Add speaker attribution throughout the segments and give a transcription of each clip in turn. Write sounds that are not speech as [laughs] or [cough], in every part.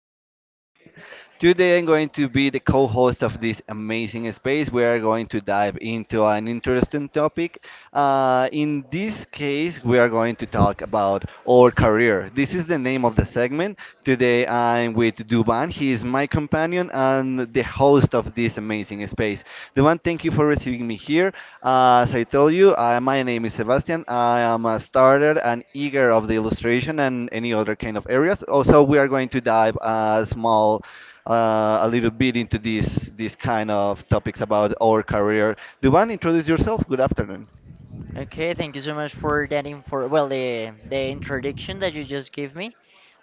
Speaker 1: name is Sebastian. Today I'm going to be the co host of this amazing space. We are going to dive into an interesting topic. In this case, we are going to talk about our career. This is the name of the segment. Today I'm with Duban. He is my companion and the host of this amazing space. Duman, thank you for receiving me here. As I tell you, my name is Sebastian. I am a starter and eager of the illustration and any other kind of areas. Also, we are going to dive a small, a little bit into these kind of topics about our career. Duman, introduce yourself. Good afternoon.
Speaker 2: Okay, thank you so much for that info. Well, the introduction that you just gave me.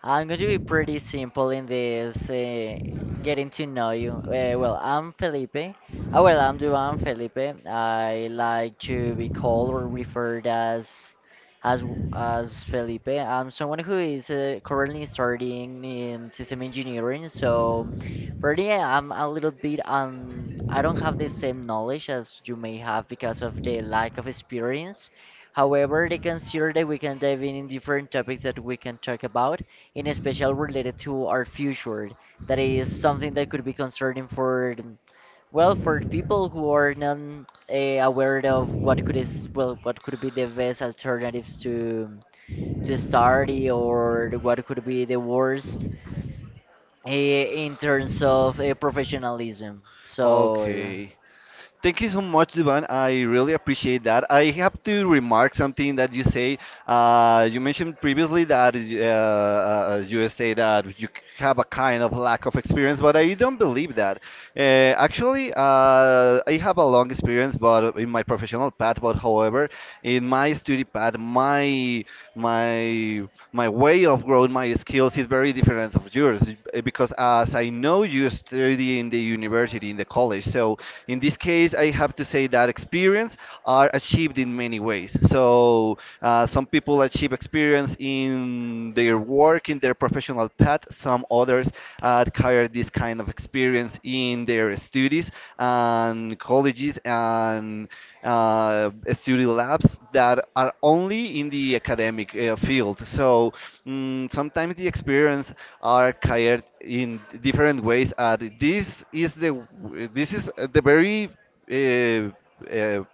Speaker 2: I'm going to be pretty simple in this getting to know you. Well, I'm Felipe. Oh, well, I'm Duan Felipe. I like to be called or referred as as as Felipe. I'm someone who is currently studying in system engineering, so pretty I'm a little bit I don't have the same knowledge as you may have because of the lack of experience. However, they consider that we can dive in different topics that we can talk about in especial related to our future. That is something that could be concerning for, well, for people who are not aware of what could is, well, what could be the best alternatives to study or what could be the worst in terms of professionalism. So.
Speaker 1: Okay. Thank you so much, Duban. I really appreciate that. I have to remark something that you say. You mentioned previously that you say that you have a kind of lack of experience, but I don't believe that. Actually, I have a long experience, but in my professional path. But however, in my study path, my my way of growing my skills is very different of yours because as I know you study in the university in the college, so in this case, I have to say that experience are achieved in many ways. So some people achieve experience in their work, in their professional path. Some others acquire this kind of experience in their studies and colleges and studio labs that are only in the academic field. So sometimes the experience are acquired in different ways. And this is the very uh, uh,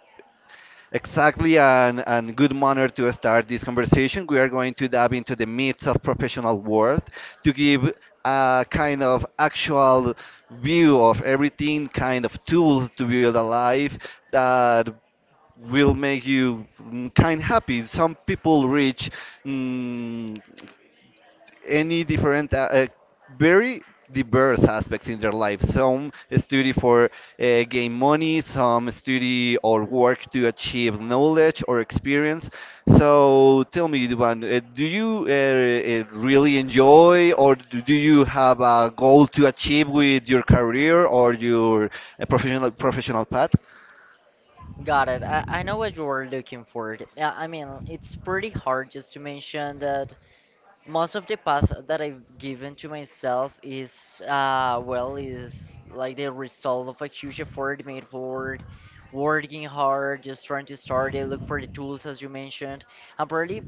Speaker 1: exactly, and good manner to start this conversation. We are going to dive into the myths of professional world to give a kind of actual view of everything, kind of tools to build a life that will make you kind happy. Some people reach mm, any different very diverse aspects in their life. Some study for gain money. Some study or work to achieve knowledge or experience. So tell me, Duban, do you really enjoy or do you have a goal to achieve with your career or your professional path?
Speaker 2: Got it. I know what you were looking for. Yeah, I mean, it's pretty hard just to mention that most of the path that I've given to myself is well is like the result of a huge effort made forward, working hard, just trying to start it, look for the tools as you mentioned. And probably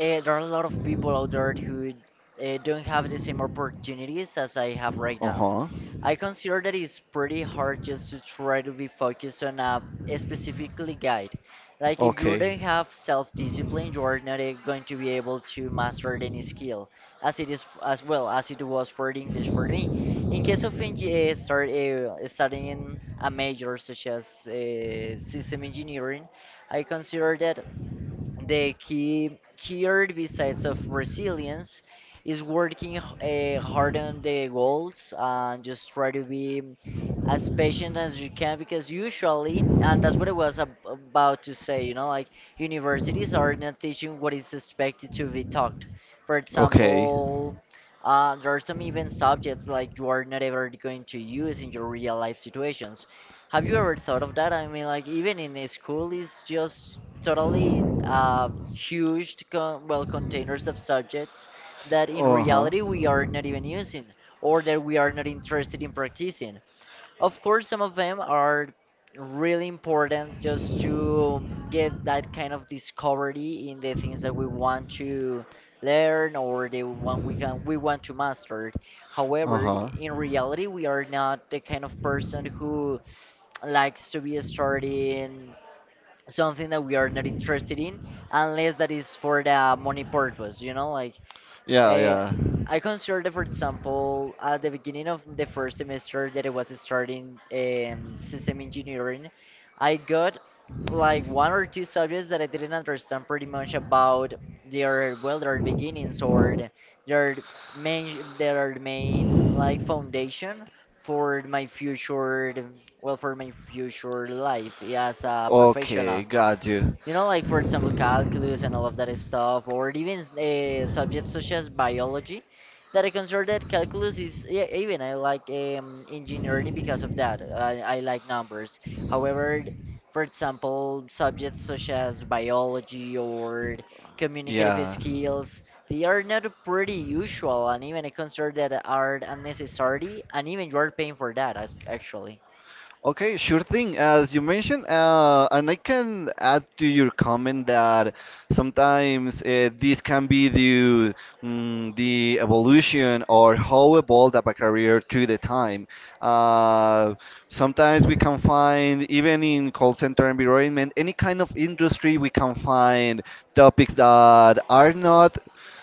Speaker 2: there are a lot of people out there who don't have the same opportunities as I have right now.
Speaker 1: Uh-huh.
Speaker 2: I consider that it's pretty hard just to try to be focused on a specifically guide. Like if you
Speaker 1: Okay.
Speaker 2: don't have self-discipline, you are not going to be able to master any skill, as it is as well as it was for the English for me. In case of start studying a major such as system engineering, I consider that the keyword besides of resilience is working hard on the goals and just try to be as patient as you can, because usually, and that's what I was about to say, like universities are not teaching what is expected to be taught, for
Speaker 1: Okay.
Speaker 2: example. There are some even subjects like you are not ever going to use in your real life situations. Have you ever thought of that? I mean, like even in a school, it's just totally huge containers of subjects that in
Speaker 1: Uh-huh.
Speaker 2: reality we are not even using, or that we are not interested in practicing. Of course, some of them are really important just to get that kind of discovery in the things that we want to learn, or the one we want to master. However,
Speaker 1: Uh-huh.
Speaker 2: in reality, we are not the kind of person who likes to be starting something that we are not interested in, unless that is for the money purpose, like.
Speaker 1: Yeah,
Speaker 2: uh,
Speaker 1: yeah.
Speaker 2: I considered, for example, at the beginning of the first semester that I was starting system engineering, I got like one or two subjects that I didn't understand pretty much about their, well, their beginnings, or the- their main, like foundation for my future, well, for my future life as a
Speaker 1: Okay,
Speaker 2: professional.
Speaker 1: got you.
Speaker 2: You know, like, for example, calculus and all of that stuff, or even subjects such as biology, that I consider that calculus is, yeah, even I like engineering because of that. I like numbers. However, for example, subjects such as biology or communicative
Speaker 1: Yeah.
Speaker 2: skills, they are not pretty usual, and even I consider that are unnecessary, and even you are paying for that actually.
Speaker 1: Okay, sure thing. As you mentioned, and I can add to your comment that sometimes this can be due the evolution or how evolved up a career through the time. Uh, Sometimes we can find, even in call center environment, any kind of industry, we can find topics that are not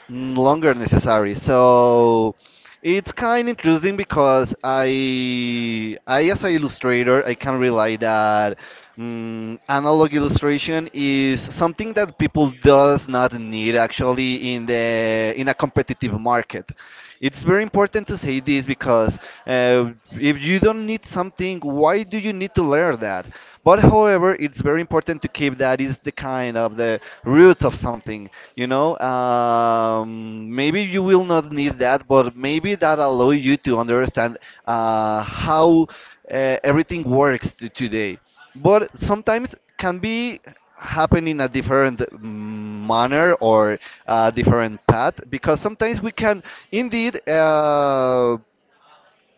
Speaker 1: longer necessary. So it's kind of interesting because I as an illustrator, I can rely that analog illustration is something that people does not need actually in the in a competitive market. It's very important to say this because if you don't need something, why do you need to learn that? But however, it's very important to keep that is the kind of the roots of something. You know, maybe you will not need that, but maybe that allow you to understand how everything works today. But sometimes can be happen in a different manner or a different path, because sometimes we can indeed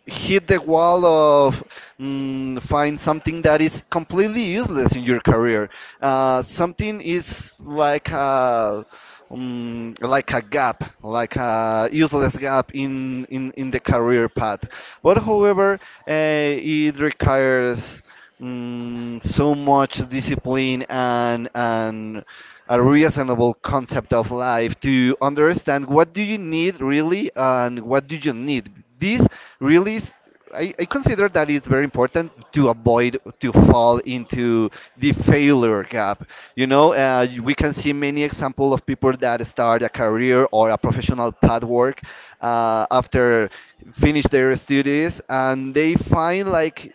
Speaker 1: hit the wall of find something that is completely useless in your career. Something is like a like a gap, like a useless gap in the career path. But however, it requires so much discipline and a reasonable concept of life to understand what do you need really and what do you need. This really is, I consider that it's very important to avoid to fall into the failure gap. You know, we can see many examples of people that start a career or a professional pathwork after finish their studies, and they find like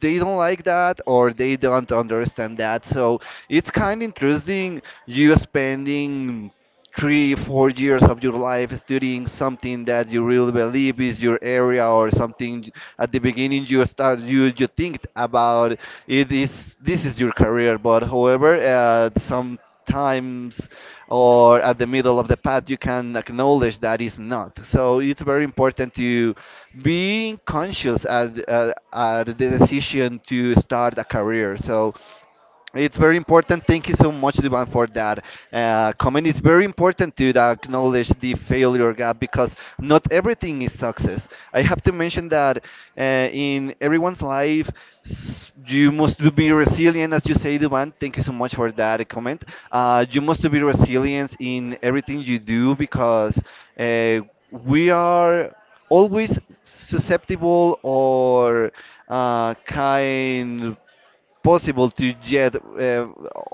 Speaker 1: they don't like that or they don't understand that. So it's kind of interesting you spending three, 4 years of your life studying something that you really believe is your area or something at the beginning you start you think about it is this is your career, but however at some times or at the middle of the path you can acknowledge that is not. So it's very important to being conscious at the decision to start a career, so it's very important. Thank you so much, Divan, for that comment. It's very important to acknowledge the failure gap because not everything is success. I have to mention that uh, in everyone's life, you must be resilient, as you say, Divan. Thank you so much for that comment. You must be resilient in everything you do because uh, we are always susceptible or kind possible to get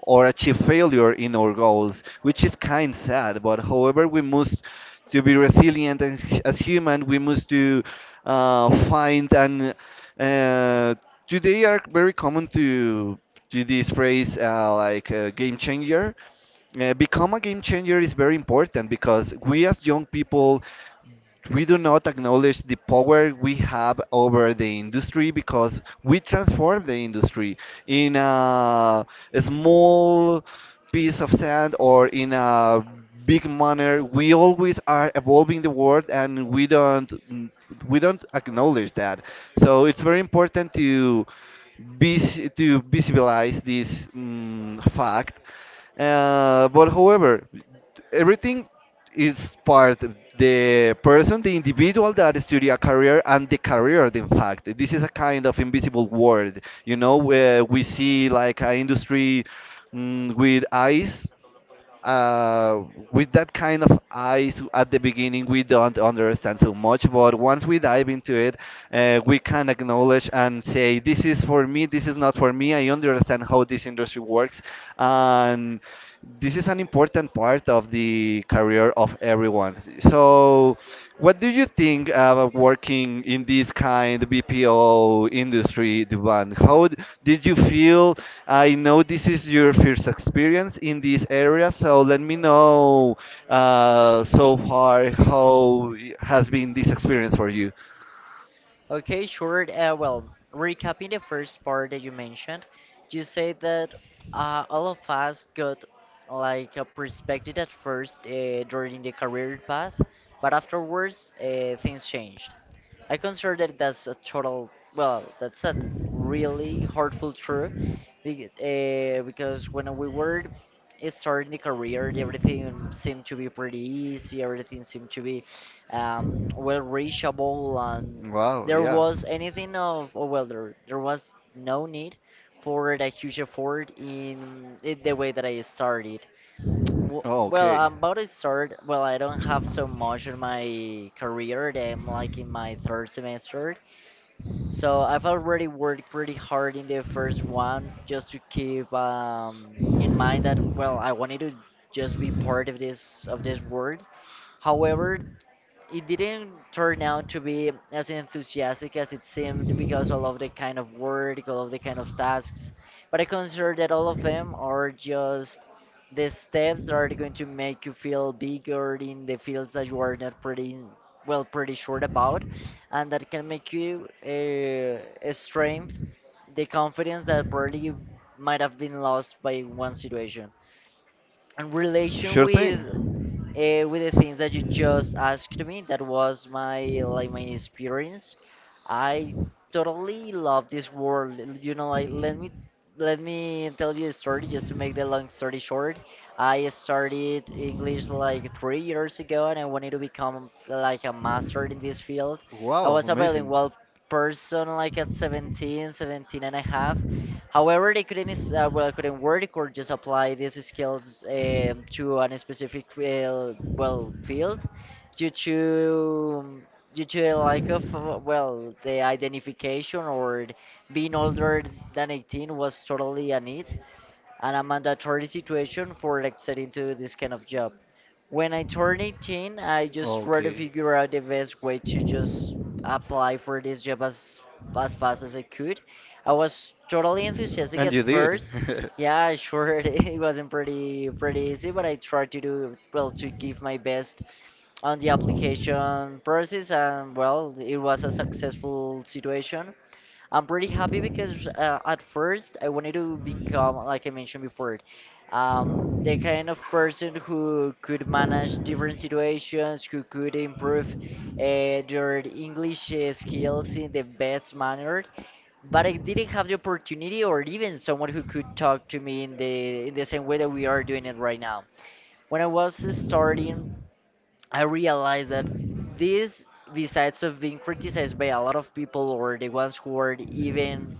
Speaker 1: or achieve failure in our goals, which is kind sad. But however, we must to be resilient and as human. We must to find and uh, today are very common to this phrase like game changer. Become a game changer is very important because we as young people, we do not acknowledge the power we have over the industry because we transform the industry in a small piece of sand or in a big manner. We always are evolving the world, and we don't acknowledge that. So it's very important to to visibilize this fact. But however, everything is part of the person, the individual that study a career and the career, in fact. This is a kind of invisible world, you know, where we see like an industry with eyes uh, with that kind of eyes at the beginning. We don't understand so much, but once we dive into it, we can acknowledge and say, this is for me, this is not for me. I understand how this industry works, and this is an important part of the career of everyone. So, what do you think about working in this kind of BPO industry, Duban? How did you feel? I know this is your first experience in this area, so let me know so far how has been this experience for you.
Speaker 2: Okay, sure. Well, recapping the first part that you mentioned, you said that all of us got like a perspective at first during the career path, but afterwards things changed. I consider that that's a total, well, that's a really hurtful truth because when we were starting the career, everything seemed to be pretty easy, everything seemed to be well reachable, and
Speaker 1: Wow,
Speaker 2: there
Speaker 1: yeah.
Speaker 2: was anything of, oh, well, there was no need for a huge effort in the way that I started. W-
Speaker 1: Oh,
Speaker 2: Well,
Speaker 1: okay.
Speaker 2: I'm about to start. Well, I don't have so much in my career, that I'm like in my third semester. So I've already worked pretty hard in the first one just to keep in mind that, well, I wanted to just be part of this world. However, it didn't turn out to be as enthusiastic as it seemed because all of the kind of work, all of the kind of tasks. But I consider that all of them are just the steps that are going to make you feel bigger in the fields that you are not pretty well pretty sure about, and that can make you a strength, the confidence that probably might have been lost by one situation. And relation
Speaker 1: Sure thing.
Speaker 2: with the things that you just asked me. That was my like my experience. I totally love this world. You know, like, let me tell you a story just to make the long story short. I started English like 3 years ago, and I wanted to become like a master in this field. I
Speaker 1: Wow,
Speaker 2: was a
Speaker 1: amazing.
Speaker 2: bilingual person like at 17, 17 and a half. However, they couldn't is- well couldn't work or just apply these skills to a specific field, due to a lack of the identification, or being older than 18 was totally a need and a mandatory situation for accessing to this kind of job. When I turned 18, I just tried to
Speaker 1: Okay.
Speaker 2: figure out the best way to just apply for this job as fast as I could. I was totally enthusiastic
Speaker 1: And
Speaker 2: at
Speaker 1: you did.
Speaker 2: first. Yeah, sure, [laughs] it wasn't pretty easy, but I tried to do well to give my best on the application process, and well, it was a successful situation. I'm pretty happy because at first I wanted to become, like I mentioned before, the kind of
Speaker 1: [laughs]
Speaker 2: person who could manage different situations, who could improve their English skills in the best manner. But I didn't have the opportunity, or even someone who could talk to me in the same way that we are doing it right now. When I was starting, I realized that this, besides of being criticized by a lot of people or the ones who are even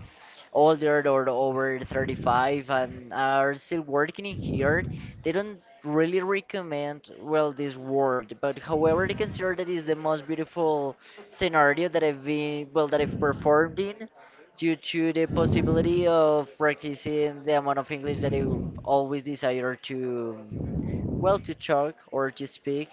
Speaker 2: older or over 35 and are still working in here, they don't really recommend well this world. But however, they consider that is the most beautiful scenario that I've been well that I've performed in, due to the possibility of practicing the amount of English that I always desire to. Well, to talk or to speak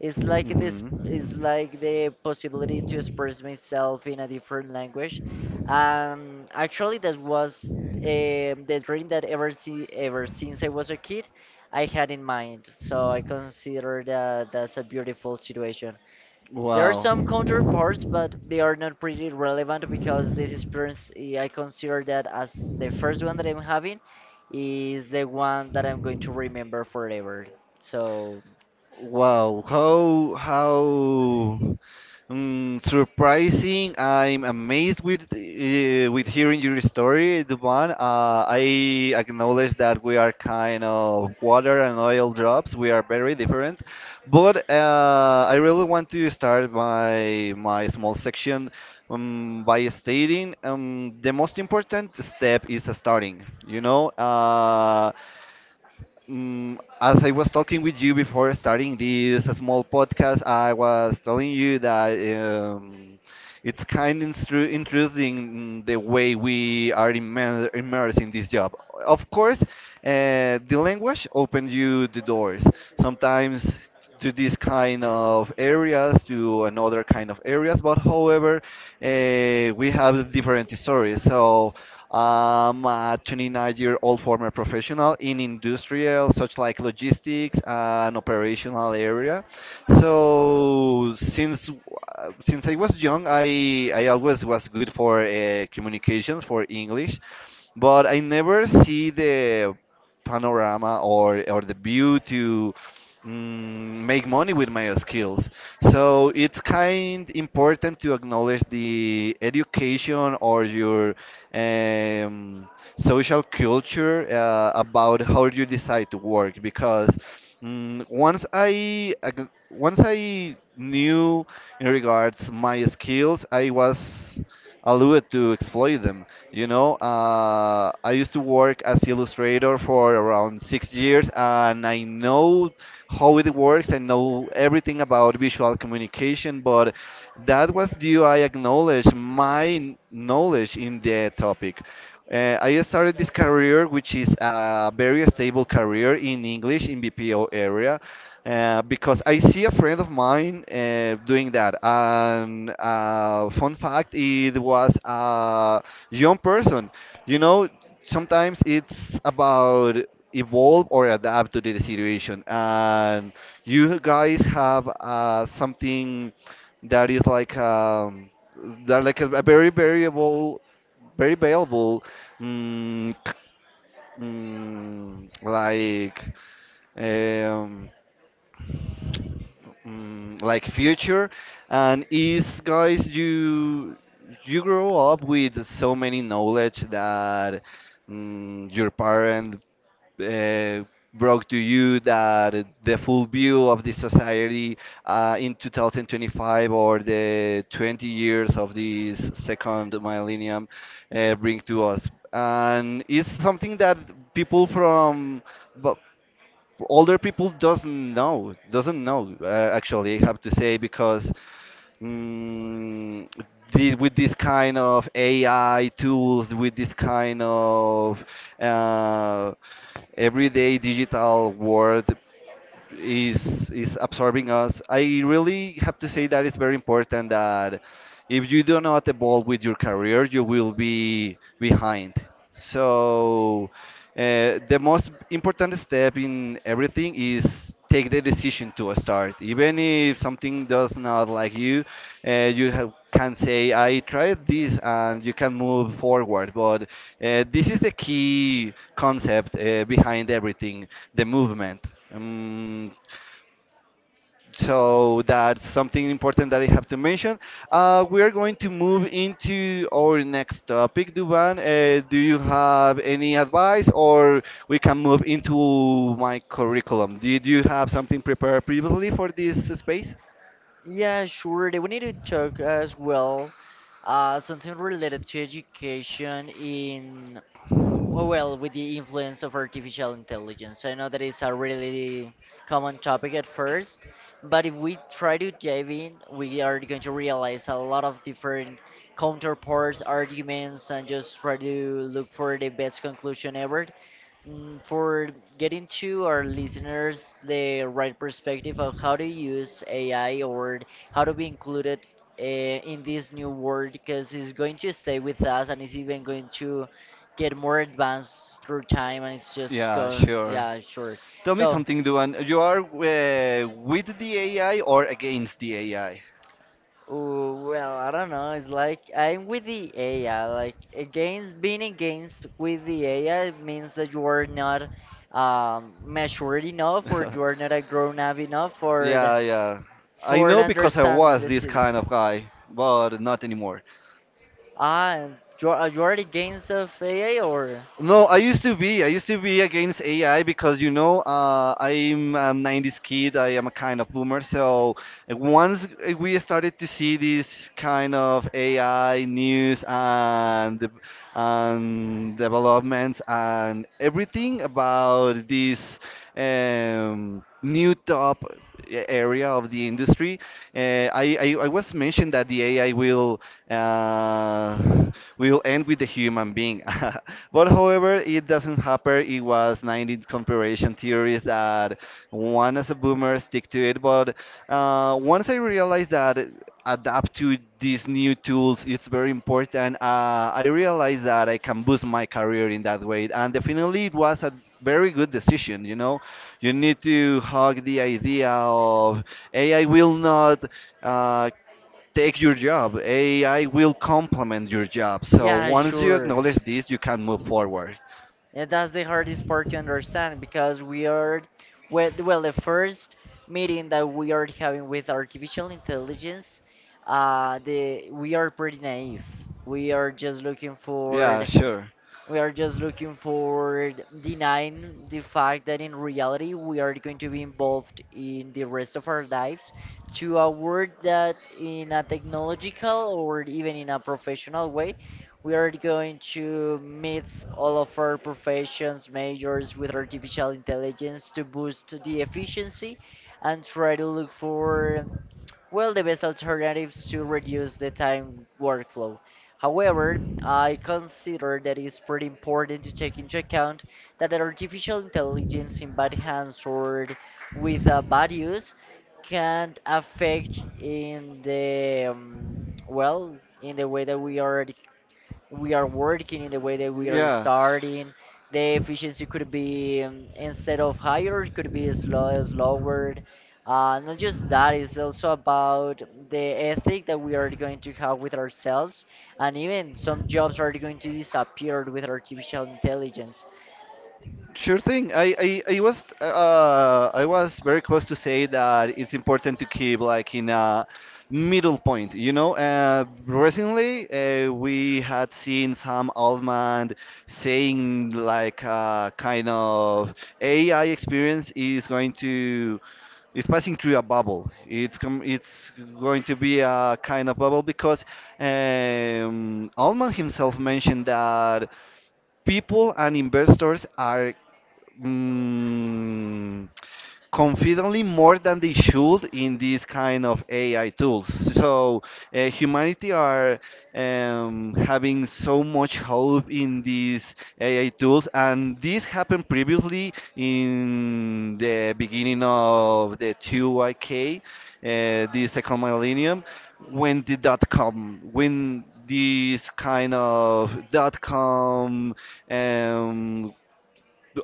Speaker 2: is like this, is like the possibility to express myself in a different language. Actually, that was the dream that ever since I was a kid, I had in mind. So I consider that that's a beautiful situation. There are
Speaker 1: Wow.
Speaker 2: some counterparts, but they are not pretty relevant because this experience, I consider that as the first one that I'm having is the one that I'm going to remember forever. So
Speaker 1: Wow, how surprising! I'm amazed with hearing your story, Duban. I acknowledge that we are kind of water and oil drops. We are very different, but I really want to start my small section by stating the most important step is starting. You know, as I was talking with you before starting this small podcast, I was telling you that it's kind of intru interesting the way we are immersed in this job. Of course, the language opened you the doors. Sometimes to these kind of areas, to another kind of areas. But however, we have different stories. So I'm a 29-year-old former professional in industrial, such like logistics and operational area. So since I was young, I always was good for communications for English, but I never see the panorama or the view to mm, make money with my skills. So it's kind important to acknowledge the education or your um, social culture about how you decide to work because once I knew in regards my skills, I was allowed to exploit them. You know, I used to work as illustrator for around 6 years, and I know how it works. I know everything about visual communication, but that was due I acknowledge my knowledge in the topic. I started this career, which is a very stable career in English in BPO area, because I see a friend of mine doing that. And fun fact, it was a young person. You know, sometimes it's about evolve or adapt to the situation. And you guys have something that is like that like a very variable, very valuable, mm, c- like. Um, like future. And is guys you, you grow up with so many knowledge that your parent uh, brought to you, that the full view of the society in 2025 or the 20 years of this second millennium bring to us. And it's something that people from bu- older people doesn't know actually I have to say, because mm, with this kind of AI tools, with this kind of uh, everyday digital world is absorbing us. I really have to say that it's very important that if you do not evolve with your career, you will be behind. So the most important step in everything is take the decision to start. Even if something does not like you, you have, can say, I tried this and you can move forward. But this is the key concept behind everything the movement. Um, so that's something important that I have to mention. We are going to move into our next topic, Duban. Do you have any advice, or we can move into my curriculum? Did you have something prepared previously for this space?
Speaker 2: yeah, sure. Then we need to talk as well something related to education in. Oh, Well, with the influence of artificial intelligence, I know that is a really common topic at first, but if we try to dive in, we are going to realize a lot of different counterparts, arguments, and just try to look for the best conclusion ever. For getting to our listeners the right perspective of how to use AI, or how to be included in this new world, because it's going to stay with us and it's even going to get more advanced through time, and it's just
Speaker 1: Yeah,
Speaker 2: go.
Speaker 1: sure.
Speaker 2: Yeah, sure.
Speaker 1: Tell me
Speaker 2: So
Speaker 1: something, Duan. You are with the AI or against the AI?
Speaker 2: ooh, well, I don't know, it's like I'm with the AI. Like against, being against with the AI means that you are not matured enough, or you
Speaker 1: [laughs]
Speaker 2: are not a grown up enough for the,
Speaker 1: Yeah, yeah. I
Speaker 2: for
Speaker 1: know because I
Speaker 2: understanding
Speaker 1: was
Speaker 2: this.
Speaker 1: this kind of guy, but not anymore.
Speaker 2: Ah, and you are against of AI or.
Speaker 1: No, I used to be. I used to be against AI because you know I'm a 90s kid. I am a kind of boomer. So once we started to see this kind of AI news and and developments and everything about this new top area of the industry, uh, I was mentioned that the AI will uh, we'll end with the human being. [laughs] But however, it doesn't happen. It was 90s comparison theories that one as a boomer stick to it. But once I realized that adapt to these new tools, it's very important. I realized that I can boost my career in that way. And definitely, it was a very good decision. You know, you need to hug the idea of AI will not uh, take your job. AI will complement your job. So
Speaker 2: Yeah,
Speaker 1: once you
Speaker 2: sure.
Speaker 1: acknowledge this, you can move forward.
Speaker 2: Yeah, that's the hardest part to understand because we are, well, well, the first meeting that we are having with artificial intelligence, the we are pretty naive. We are just looking for,
Speaker 1: Yeah, sure.
Speaker 2: we are just looking for denying the fact that in reality we are going to be involved in the rest of our lives to a world that in a technological or even in a professional way, we are going to mix all of our professions majors with artificial intelligence to boost the efficiency and try to look for, well, the best alternatives to reduce the time workflow. However, I consider that it's pretty important to take into account that an artificial intelligence in bad hands or with bad use can affect in the well, in the way that we are working, in the way that we are
Speaker 1: Yeah.
Speaker 2: starting. The efficiency could be instead of higher, it could be slower. Not just that, it's also about the ethic that we are going to have with ourselves, and even some jobs are going to disappear with artificial intelligence.
Speaker 1: Sure thing. I was very close to say that it's important to keep like in a middle point, you know. Recently, we had seen Sam Altman saying like kind of AI experience is going to is passing through a bubble. It's going to be a kind of bubble because Altman himself mentioned that people and investors are mm, confidently more than they should in these kind of AI tools. So humanity are having so much hope in these AI tools, and this happened previously in the beginning of the 2YK, the second millennium, when the dot-com, when these kind of dot-com um,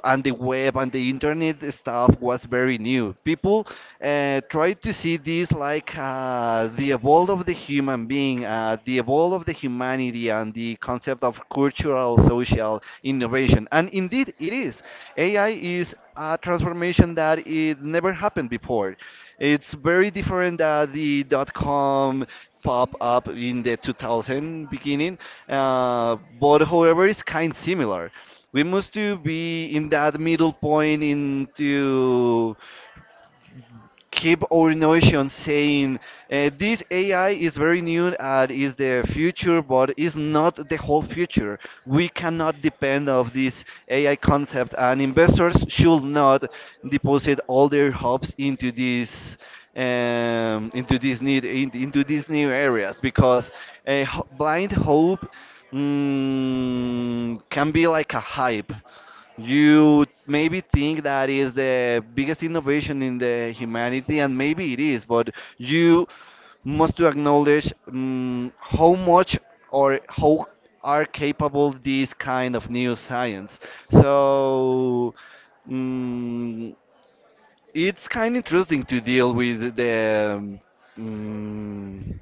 Speaker 1: and the web and the internet stuff was very new. People tried to see this like the evolve of the human being, the evolve of the humanity, and the concept of cultural, social innovation. And indeed, it is. AI is a transformation that it never happened before. It's very different than the dot-com pop up in the 2000 beginning, but however, it's kind similar. We must to be in that middle point into keep our notion saying this AI is very new and is the future, but is not the whole future. We cannot depend of this AI concept, and investors should not deposit all their hopes into this need into these new areas because a blind hope can be like a hype you maybe think that is the biggest innovation in the humanity, and maybe it is, but you must to acknowledge how much or how are capable these kind of new science. So mm, it's kind of interesting to deal with the. mm,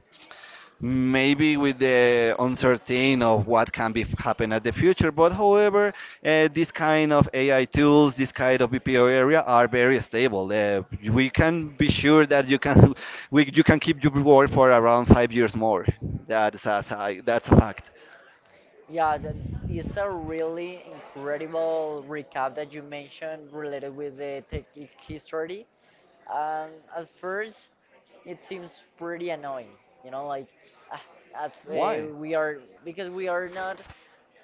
Speaker 1: maybe with the uncertain of what can be happen at the future. But however, this kind of AI tools, this kind of BPO area are very stable. We can be sure that you can [laughs] you can keep your work for around 5 years more. That's a fact.
Speaker 2: Yeah, that it's a really incredible recap that you mentioned related with the tech history. Um, at first, it seems pretty annoying, you know, like ah,
Speaker 1: Why?
Speaker 2: we are because we are not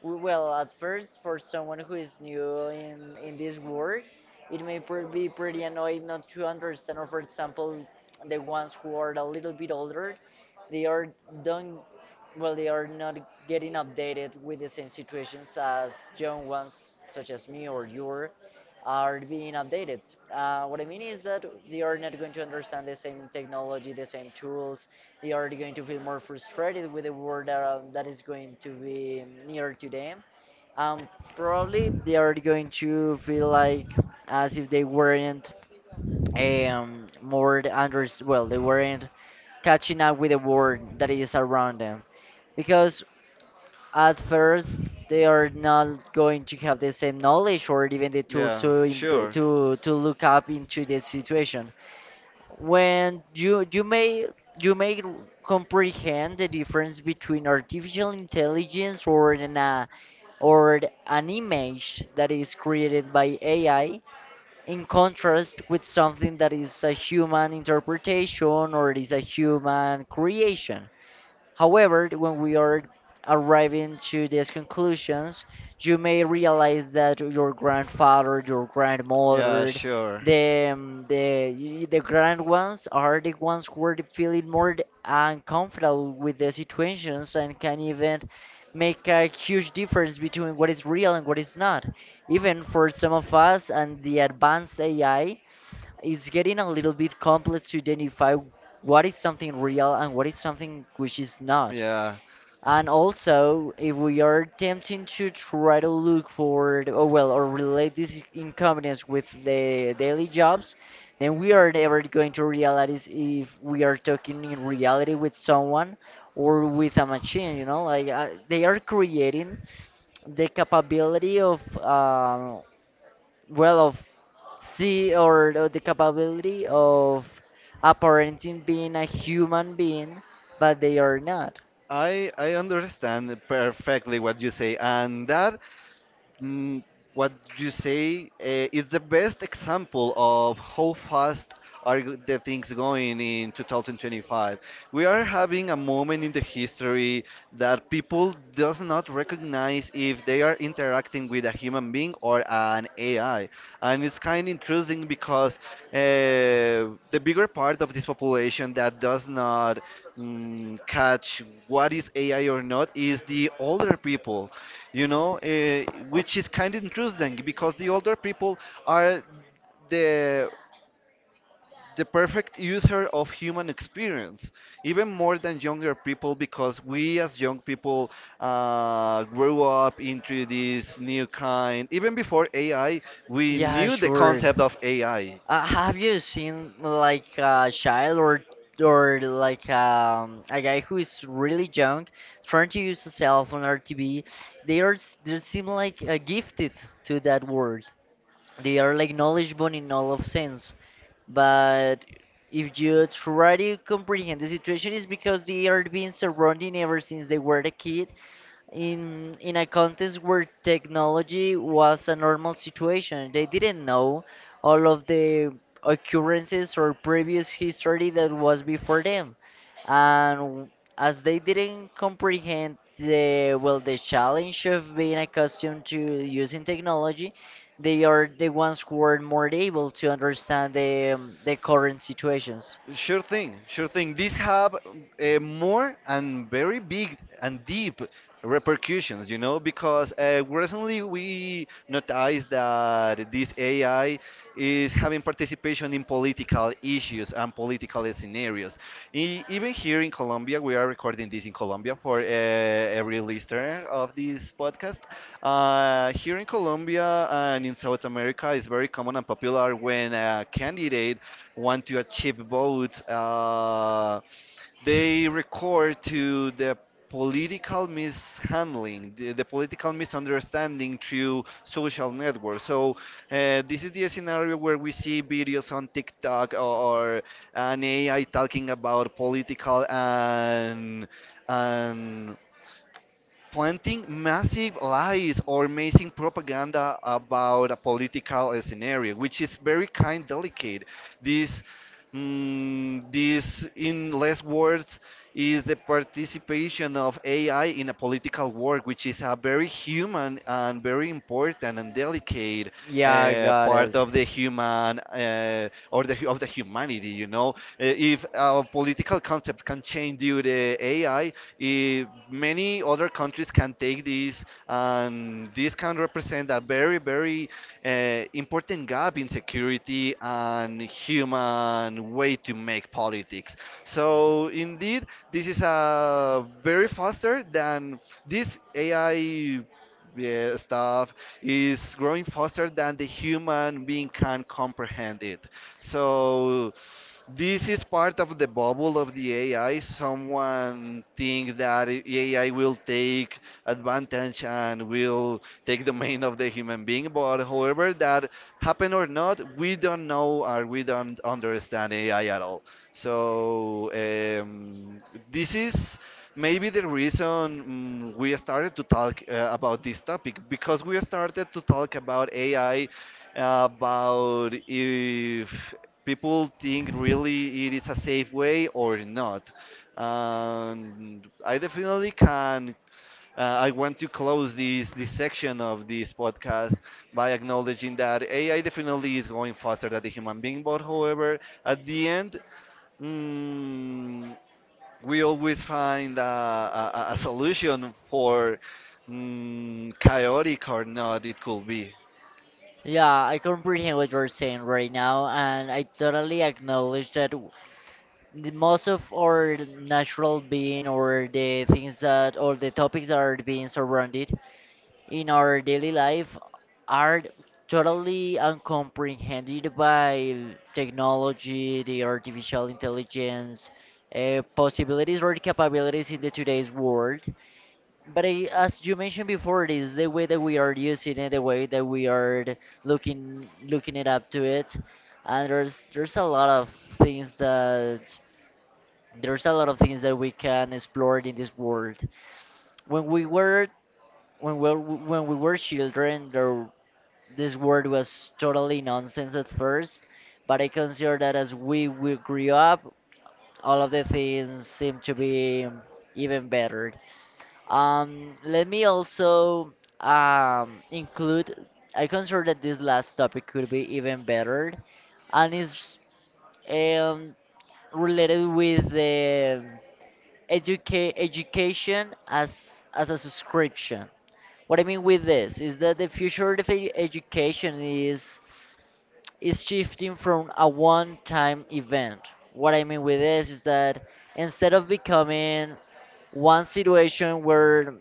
Speaker 2: Well, at first, for someone who is new in this work, it may pr be pretty annoying not to understand. Or, for example, the ones who are a little bit older, they are don't, well, they are not getting updated with the same situations as young ones, such as me or you, are being updated. What I mean is that they are not going to understand the same technology, the same tools, they are going to feel more frustrated with the world that, that is going to be near to them. Um, Probably they are going to feel like as if they weren't more the under, well, they weren't catching up with the world that is around them. Because at first they are not going to have the same knowledge or even the tools
Speaker 1: Yeah,
Speaker 2: to
Speaker 1: sure.
Speaker 2: to look up into the situation. When you may you may comprehend the difference between artificial intelligence or an or an image that is created by AI in contrast with something that is a human interpretation or is a human creation. However, when we are arriving to these conclusions, you may realize that your grandfather, your
Speaker 1: Yeah,
Speaker 2: grandmother,
Speaker 1: sure.
Speaker 2: the the grand ones are the ones who are feeling more uncomfortable with the situations and can even make a huge difference between what is real and what is not. Even for some of us and the advanced AI, it's getting a little bit complex to identify what is something real and what is something which is not.
Speaker 1: Yeah.
Speaker 2: And also, if we are attempting to try to look for, or well, or relate this incompetence with the daily jobs, then we are never going to realize if we are talking in reality with someone or with a machine. You know, like they are creating the capability of, well, of see, or the capability of apparenting being a human being, but they are not.
Speaker 1: I understand perfectly what you say, and that Mm, what you say is the best example of how fast the things going in 2025. We are having a moment in the history that people does not recognize if they are interacting with a human being or an AI, and it's kind of interesting because uh, the bigger part of this population that does not catch what is AI or not is the older people you know, which is kind of interesting because the older people are the the perfect user of human experience, even more than younger people, because we as young people grew up into this new kind. Even before AI, we
Speaker 2: Yeah,
Speaker 1: knew the
Speaker 2: sure.
Speaker 1: concept of AI.
Speaker 2: Have you seen like a child or or like a guy who is really young trying to use a cell phone or TV? They they seem like gifted to that world. They are like knowledgeable in all of sense. But if you try to comprehend the situation, it's because they are being surrounded ever since they were a kid in a context where technology was a normal situation. They didn't know all of the occurrences or previous history that was before them. And as they didn't comprehend the, well, the challenge of being accustomed to using technology, they are the ones who are more able to understand the the current situations.
Speaker 1: Sure thing, sure thing. These have more and very big and deep repercussions, you know, because recently we noticed that this AI is having participation in political issues and political scenarios. Even here in Colombia, we are recording this in Colombia for every listener of this podcast. Here in Colombia and in South America, it's very common and popular when a candidate want to achieve both. They record to the political mishandling, the political misunderstanding through social networks. So this is the scenario where we see videos on TikTok or an AI talking about political and planting massive lies or amazing propaganda about a political scenario, which is very kind delicate. This, this, in less words, is the participation of AI in a political work, which is a very human and very important and delicate
Speaker 2: Yeah, I got
Speaker 1: part
Speaker 2: it.
Speaker 1: of the human or the hu- of the humanity. You know, Uh, if our political concept can change due to AI, eh, many other countries can take this, and this can represent a very, very important gap in security and human way to make politics. So indeed, this is a very faster than this AI yeah, stuff is growing faster than the human being can comprehend it. So this is part of the bubble of the AI. Someone think that AI will take advantage and will take the domain of the human being. But however that happen or not, we don't know or we don't understand AI at all. So this is maybe the reason we started to talk about this topic because we started to talk about AI about if people think really it is a safe way or not. And I definitely can. I want to close this section of this podcast by acknowledging that AI definitely is going faster than the human being. But however, at the end, mm, we always find a solution for chaotic or not it could be.
Speaker 2: Yeah, I comprehend what you're saying right now, and I totally acknowledge that the most of our natural being, or the things that, or the topics that are being surrounded in our daily life are totally uncomprehended by technology, the artificial intelligence, possibilities or capabilities in the today's world. But I, as you mentioned before, it is the way that we are using it, the way that we are looking it up to it, and there's a lot of things that there's a lot of things that we can explore in this world. When we were when we were children, there, this word was totally nonsense at first, but I consider that as we grew up, all of the things seem to be even better. Let me also include, I consider that this last topic could be even better and is um, related with the education as a subscription. What I mean with this is that the future of education is shifting from a one-time event. What I mean with this is that instead of becoming one situation where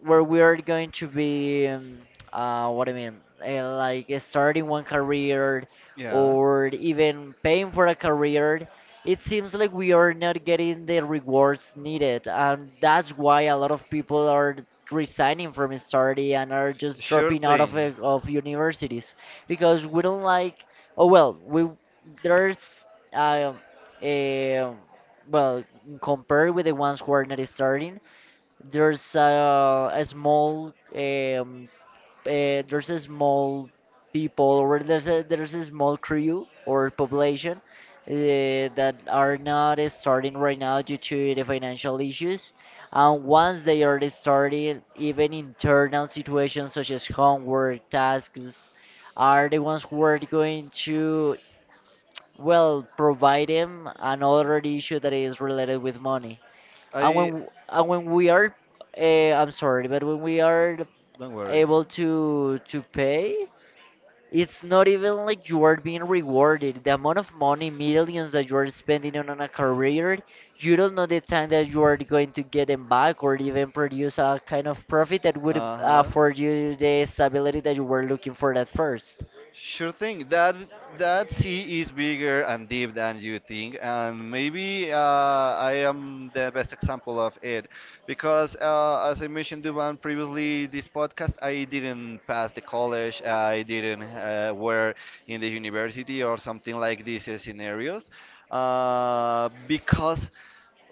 Speaker 2: we are going to be what I mean like starting one career
Speaker 1: Yeah,
Speaker 2: or even paying for a career, it seems like we are not getting the rewards needed, and that's why a lot of people are resigning from study and are just
Speaker 1: sure
Speaker 2: dropping out
Speaker 1: thing.
Speaker 2: of universities because we don't like, oh well, we there's um a, well, compared with the ones who are not starting, there's a small there's a small people, or there's a small crew or population that are not starting right now due to the financial issues. And once they are starting, even internal situations such as homework tasks are the ones who are going to, well, provide them another issue that is related with money. And when
Speaker 1: I
Speaker 2: and when we are, I'm sorry, but when we are
Speaker 1: don't worry.
Speaker 2: able to pay, it's not even like you are being rewarded. The amount of money, millions that you are spending on a career, you don't know the time that you are going to get them back or even produce a kind of profit that would
Speaker 1: Uh huh.
Speaker 2: afford you the stability that you were looking for at first.
Speaker 1: Sure thing. That that sea is bigger and deep than you think, and maybe I am the best example of it, because as I mentioned to one previously, this podcast I didn't pass the college, I didn't work in the university or something like these scenarios, because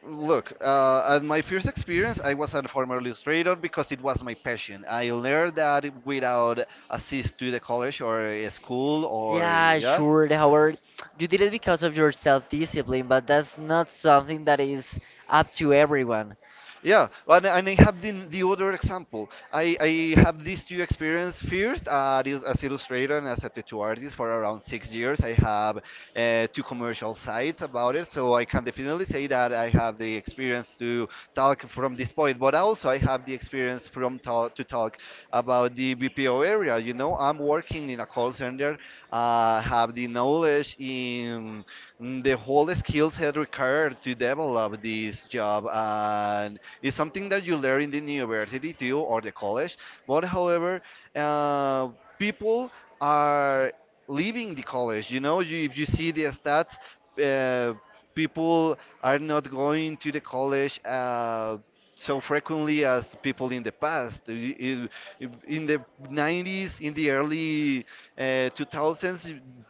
Speaker 1: Look, at my first experience, I was a former illustrator because it was my passion. I learned that without assist to the college or a school or
Speaker 2: Yeah,
Speaker 1: yeah.
Speaker 2: sure, Howard. You did it because of your self-discipline, but that's not something that is up to everyone.
Speaker 1: Yeah, and I have the other example. I have these two experience first as illustrator and as a tattoo artist for around 6 years. I have two commercial sites about it, so I can definitely say that I have the experience to talk from this point. But also I have the experience from talk, to talk about the BPO area. You know, I'm working in a call center, have the knowledge in the whole skill set required to develop this job and it's something that you learn in the university too or the college. But however, uh, people are leaving the college. You know, you, if you see the stats, uh, people are not going to the college. So frequently as people in the past i- in the 90s in the early 2000s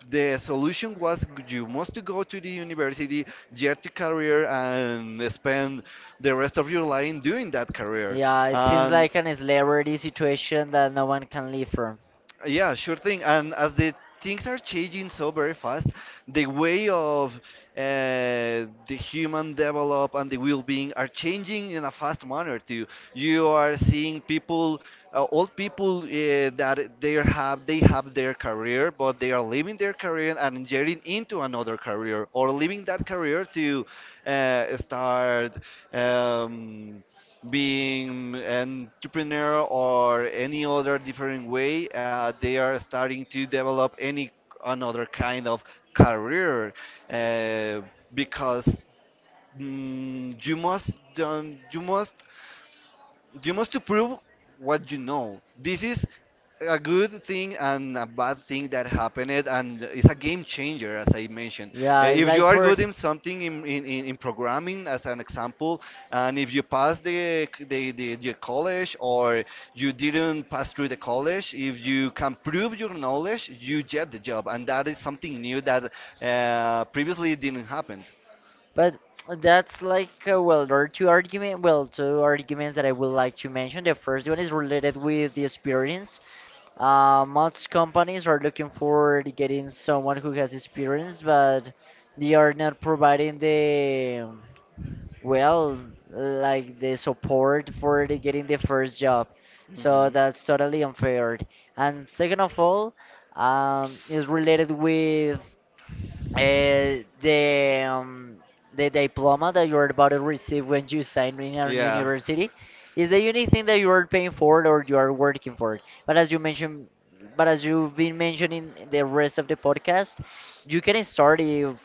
Speaker 1: the solution was you must to go to the university get a career and spend the rest of your life doing that career.
Speaker 2: Yeah, it seems
Speaker 1: And
Speaker 2: like an slavery situation that no one can leave from.
Speaker 1: yeah, sure thing. And as the things are changing so very fast, the way of the human develop and the well-being are changing in a fast manner too. You are seeing people, old people that they have their career, but they are leaving their career and getting into another career or leaving that career to start. Um, Being an entrepreneur or any other different way, they are starting to develop any another kind of career uh, because mm, you must don't you must to prove what you know. This is a good thing and a bad thing that happened, and it's a game changer, as I mentioned.
Speaker 2: Yeah, it's
Speaker 1: If you
Speaker 2: like
Speaker 1: are
Speaker 2: for,
Speaker 1: good in something in programming, as an example, and if you pass the college or you didn't pass through the college, if you can prove your knowledge, you get the job, and that is something new that previously didn't happen.
Speaker 2: but that's like well, there are well, two arguments that I would like to mention. The first one is related with the experience. Most companies are looking for getting someone who has experience, but they are not providing the, well, like the support for the getting the first job. So
Speaker 1: Mhm.
Speaker 2: that's totally unfair. And second of all, is related with uh, the um, the diploma that you're about to receive when you sign in a
Speaker 1: Yeah.
Speaker 2: university is the unique thing that you are paying for or you are working for. But as you mentioned, but as you've been mentioning the rest of the podcast, you can start it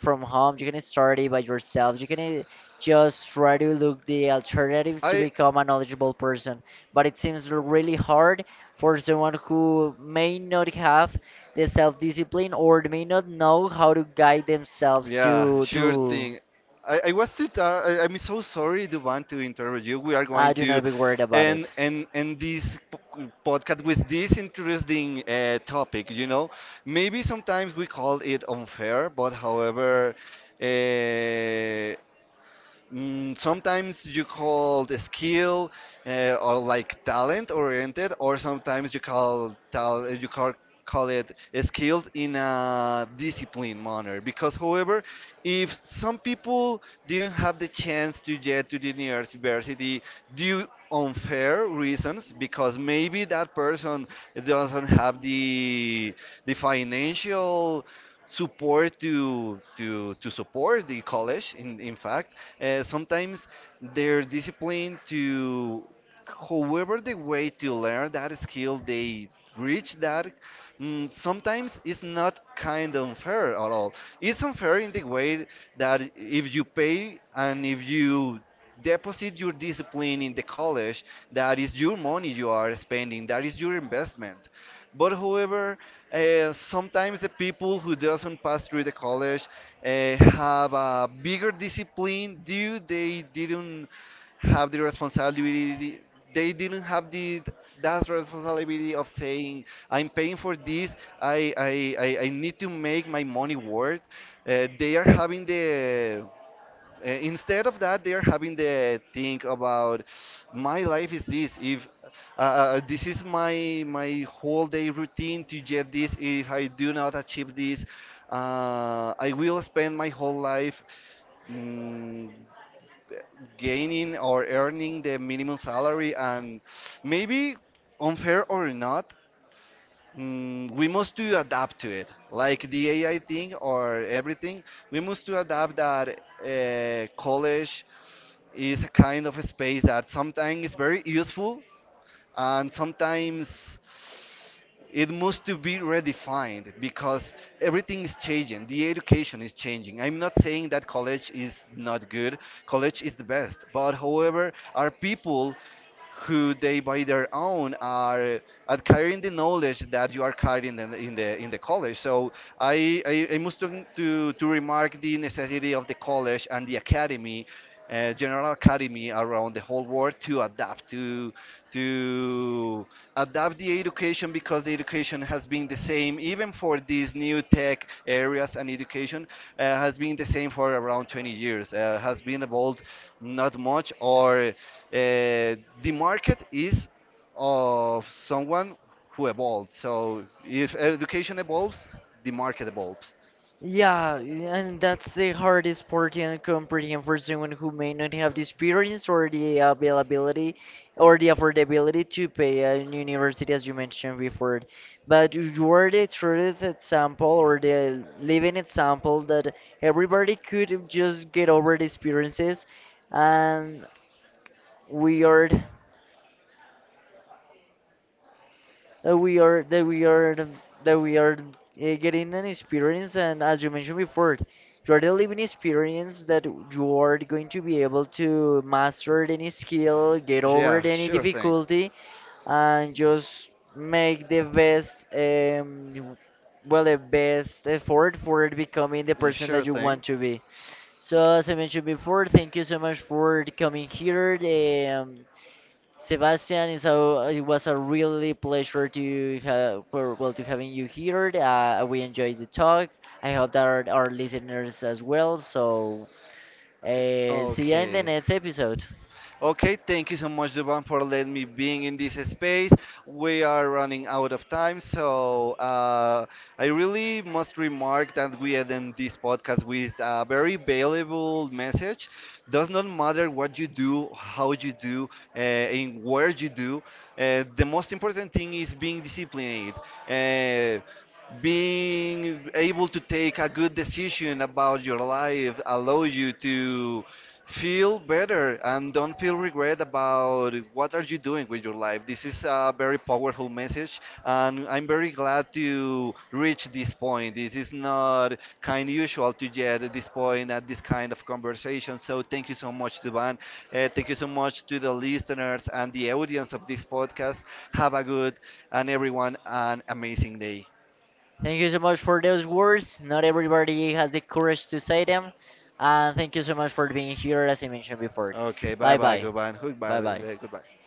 Speaker 2: from home. You can start it by yourself. You can, just try to look the alternatives to
Speaker 1: I
Speaker 2: become a knowledgeable person. But it seems really hard for someone who may not have the self-discipline or may not know how to guide themselves
Speaker 1: Yeah,
Speaker 2: to
Speaker 1: sure thing. I was too tired. I'm so sorry, Duban, to interrupt you. We are going
Speaker 2: do
Speaker 1: to
Speaker 2: not be worried about
Speaker 1: end,
Speaker 2: it.
Speaker 1: end, end this podcast with this interesting topic. You know, maybe sometimes we call it unfair, but however, uh, sometimes you call the skill or like talent oriented, or sometimes you call tal you call call it skilled in a disciplined manner. Because, however, if some people didn't have the chance to get to the university due unfair reasons, because maybe that person doesn't have the financial support to to support the college in fact, sometimes their discipline to however the way to learn that skill they reach that, sometimes it's not kind of unfair at all. It's unfair in the way that if you pay and if you deposit your discipline in the college, that is your money you are spending, that is your investment. But however, sometimes the people who doesn't pass through the college have a bigger discipline due they didn't have the responsibility. They didn't have the that responsibility of saying, I'm paying for this. I need to make my money worth. They are having the instead of that, they are having the think about, my life is this. If this is my whole day routine to get this, if I do not achieve this, I will spend my whole life, mm, gaining or earning the minimum salary. And maybe unfair or not, we must to adapt to it. Like the AI thing or everything, we must to adapt that college is a kind of a space that sometimes is very useful, and sometimes it must to be redefined, because everything is changing. The education is changing. I'm not saying that college is not good. College is the best, but however are people who, they by their own, are acquiring the knowledge that you are carrying in the in the college. So I must to, to remark the necessity of the college and the academy, general academy around the whole world, to adapt to adapt the education, because the education has been the same even for these new tech areas. And education has been the same for around 20 years. Has been evolved not much, or the market is of someone who evolved. So if education evolves, the market evolves.
Speaker 2: Yeah, and that's the hardest part and comprehend for someone who may not have the experience or the availability or the affordability to pay a university, as you mentioned before. But you are the truth example or the living example that everybody could just get over the experiences, and we are. that we are that we are um, that we are getting an experience. And as you mentioned before, you are the living experience that you are going to be able to master any skill, get over
Speaker 1: Yeah,
Speaker 2: any
Speaker 1: sure thing.
Speaker 2: difficulty, and just make the best well, the best effort for becoming the person
Speaker 1: Sure
Speaker 2: that you
Speaker 1: thing.
Speaker 2: want to be. So as I mentioned before, thank you so much for coming here. Sebastian, it's it was a really pleasure to have for, well, to having you here. We enjoyed the talk. I hope that our listeners as well. So see you in the
Speaker 1: Okay.
Speaker 2: next episode.
Speaker 1: Okay, thank you so much, Duban, for letting me being in this space. We are running out of time, so I really must remark that we end this podcast with a very valuable message. Does not matter what you do, how you do, and where you do. The most important thing is being disciplined. Uh, Being able to take a good decision about your life allows you to feel better and don't feel regret about what are you doing with your life. This is a very powerful message, and I'm very glad to reach this point. This is not kind usual to get at this point at this kind of conversation. So thank you so much to, thank you so much to the listeners and the audience of this podcast. Have a good, and everyone an amazing day.
Speaker 2: Thank you so much for those words. Not everybody has the courage to say them. And thank you so much for being here, as I mentioned before.
Speaker 1: Okay, bye
Speaker 2: Bye
Speaker 1: bye,
Speaker 2: bye.
Speaker 1: goodbye, goodbye,
Speaker 2: Bye bye.
Speaker 1: goodbye.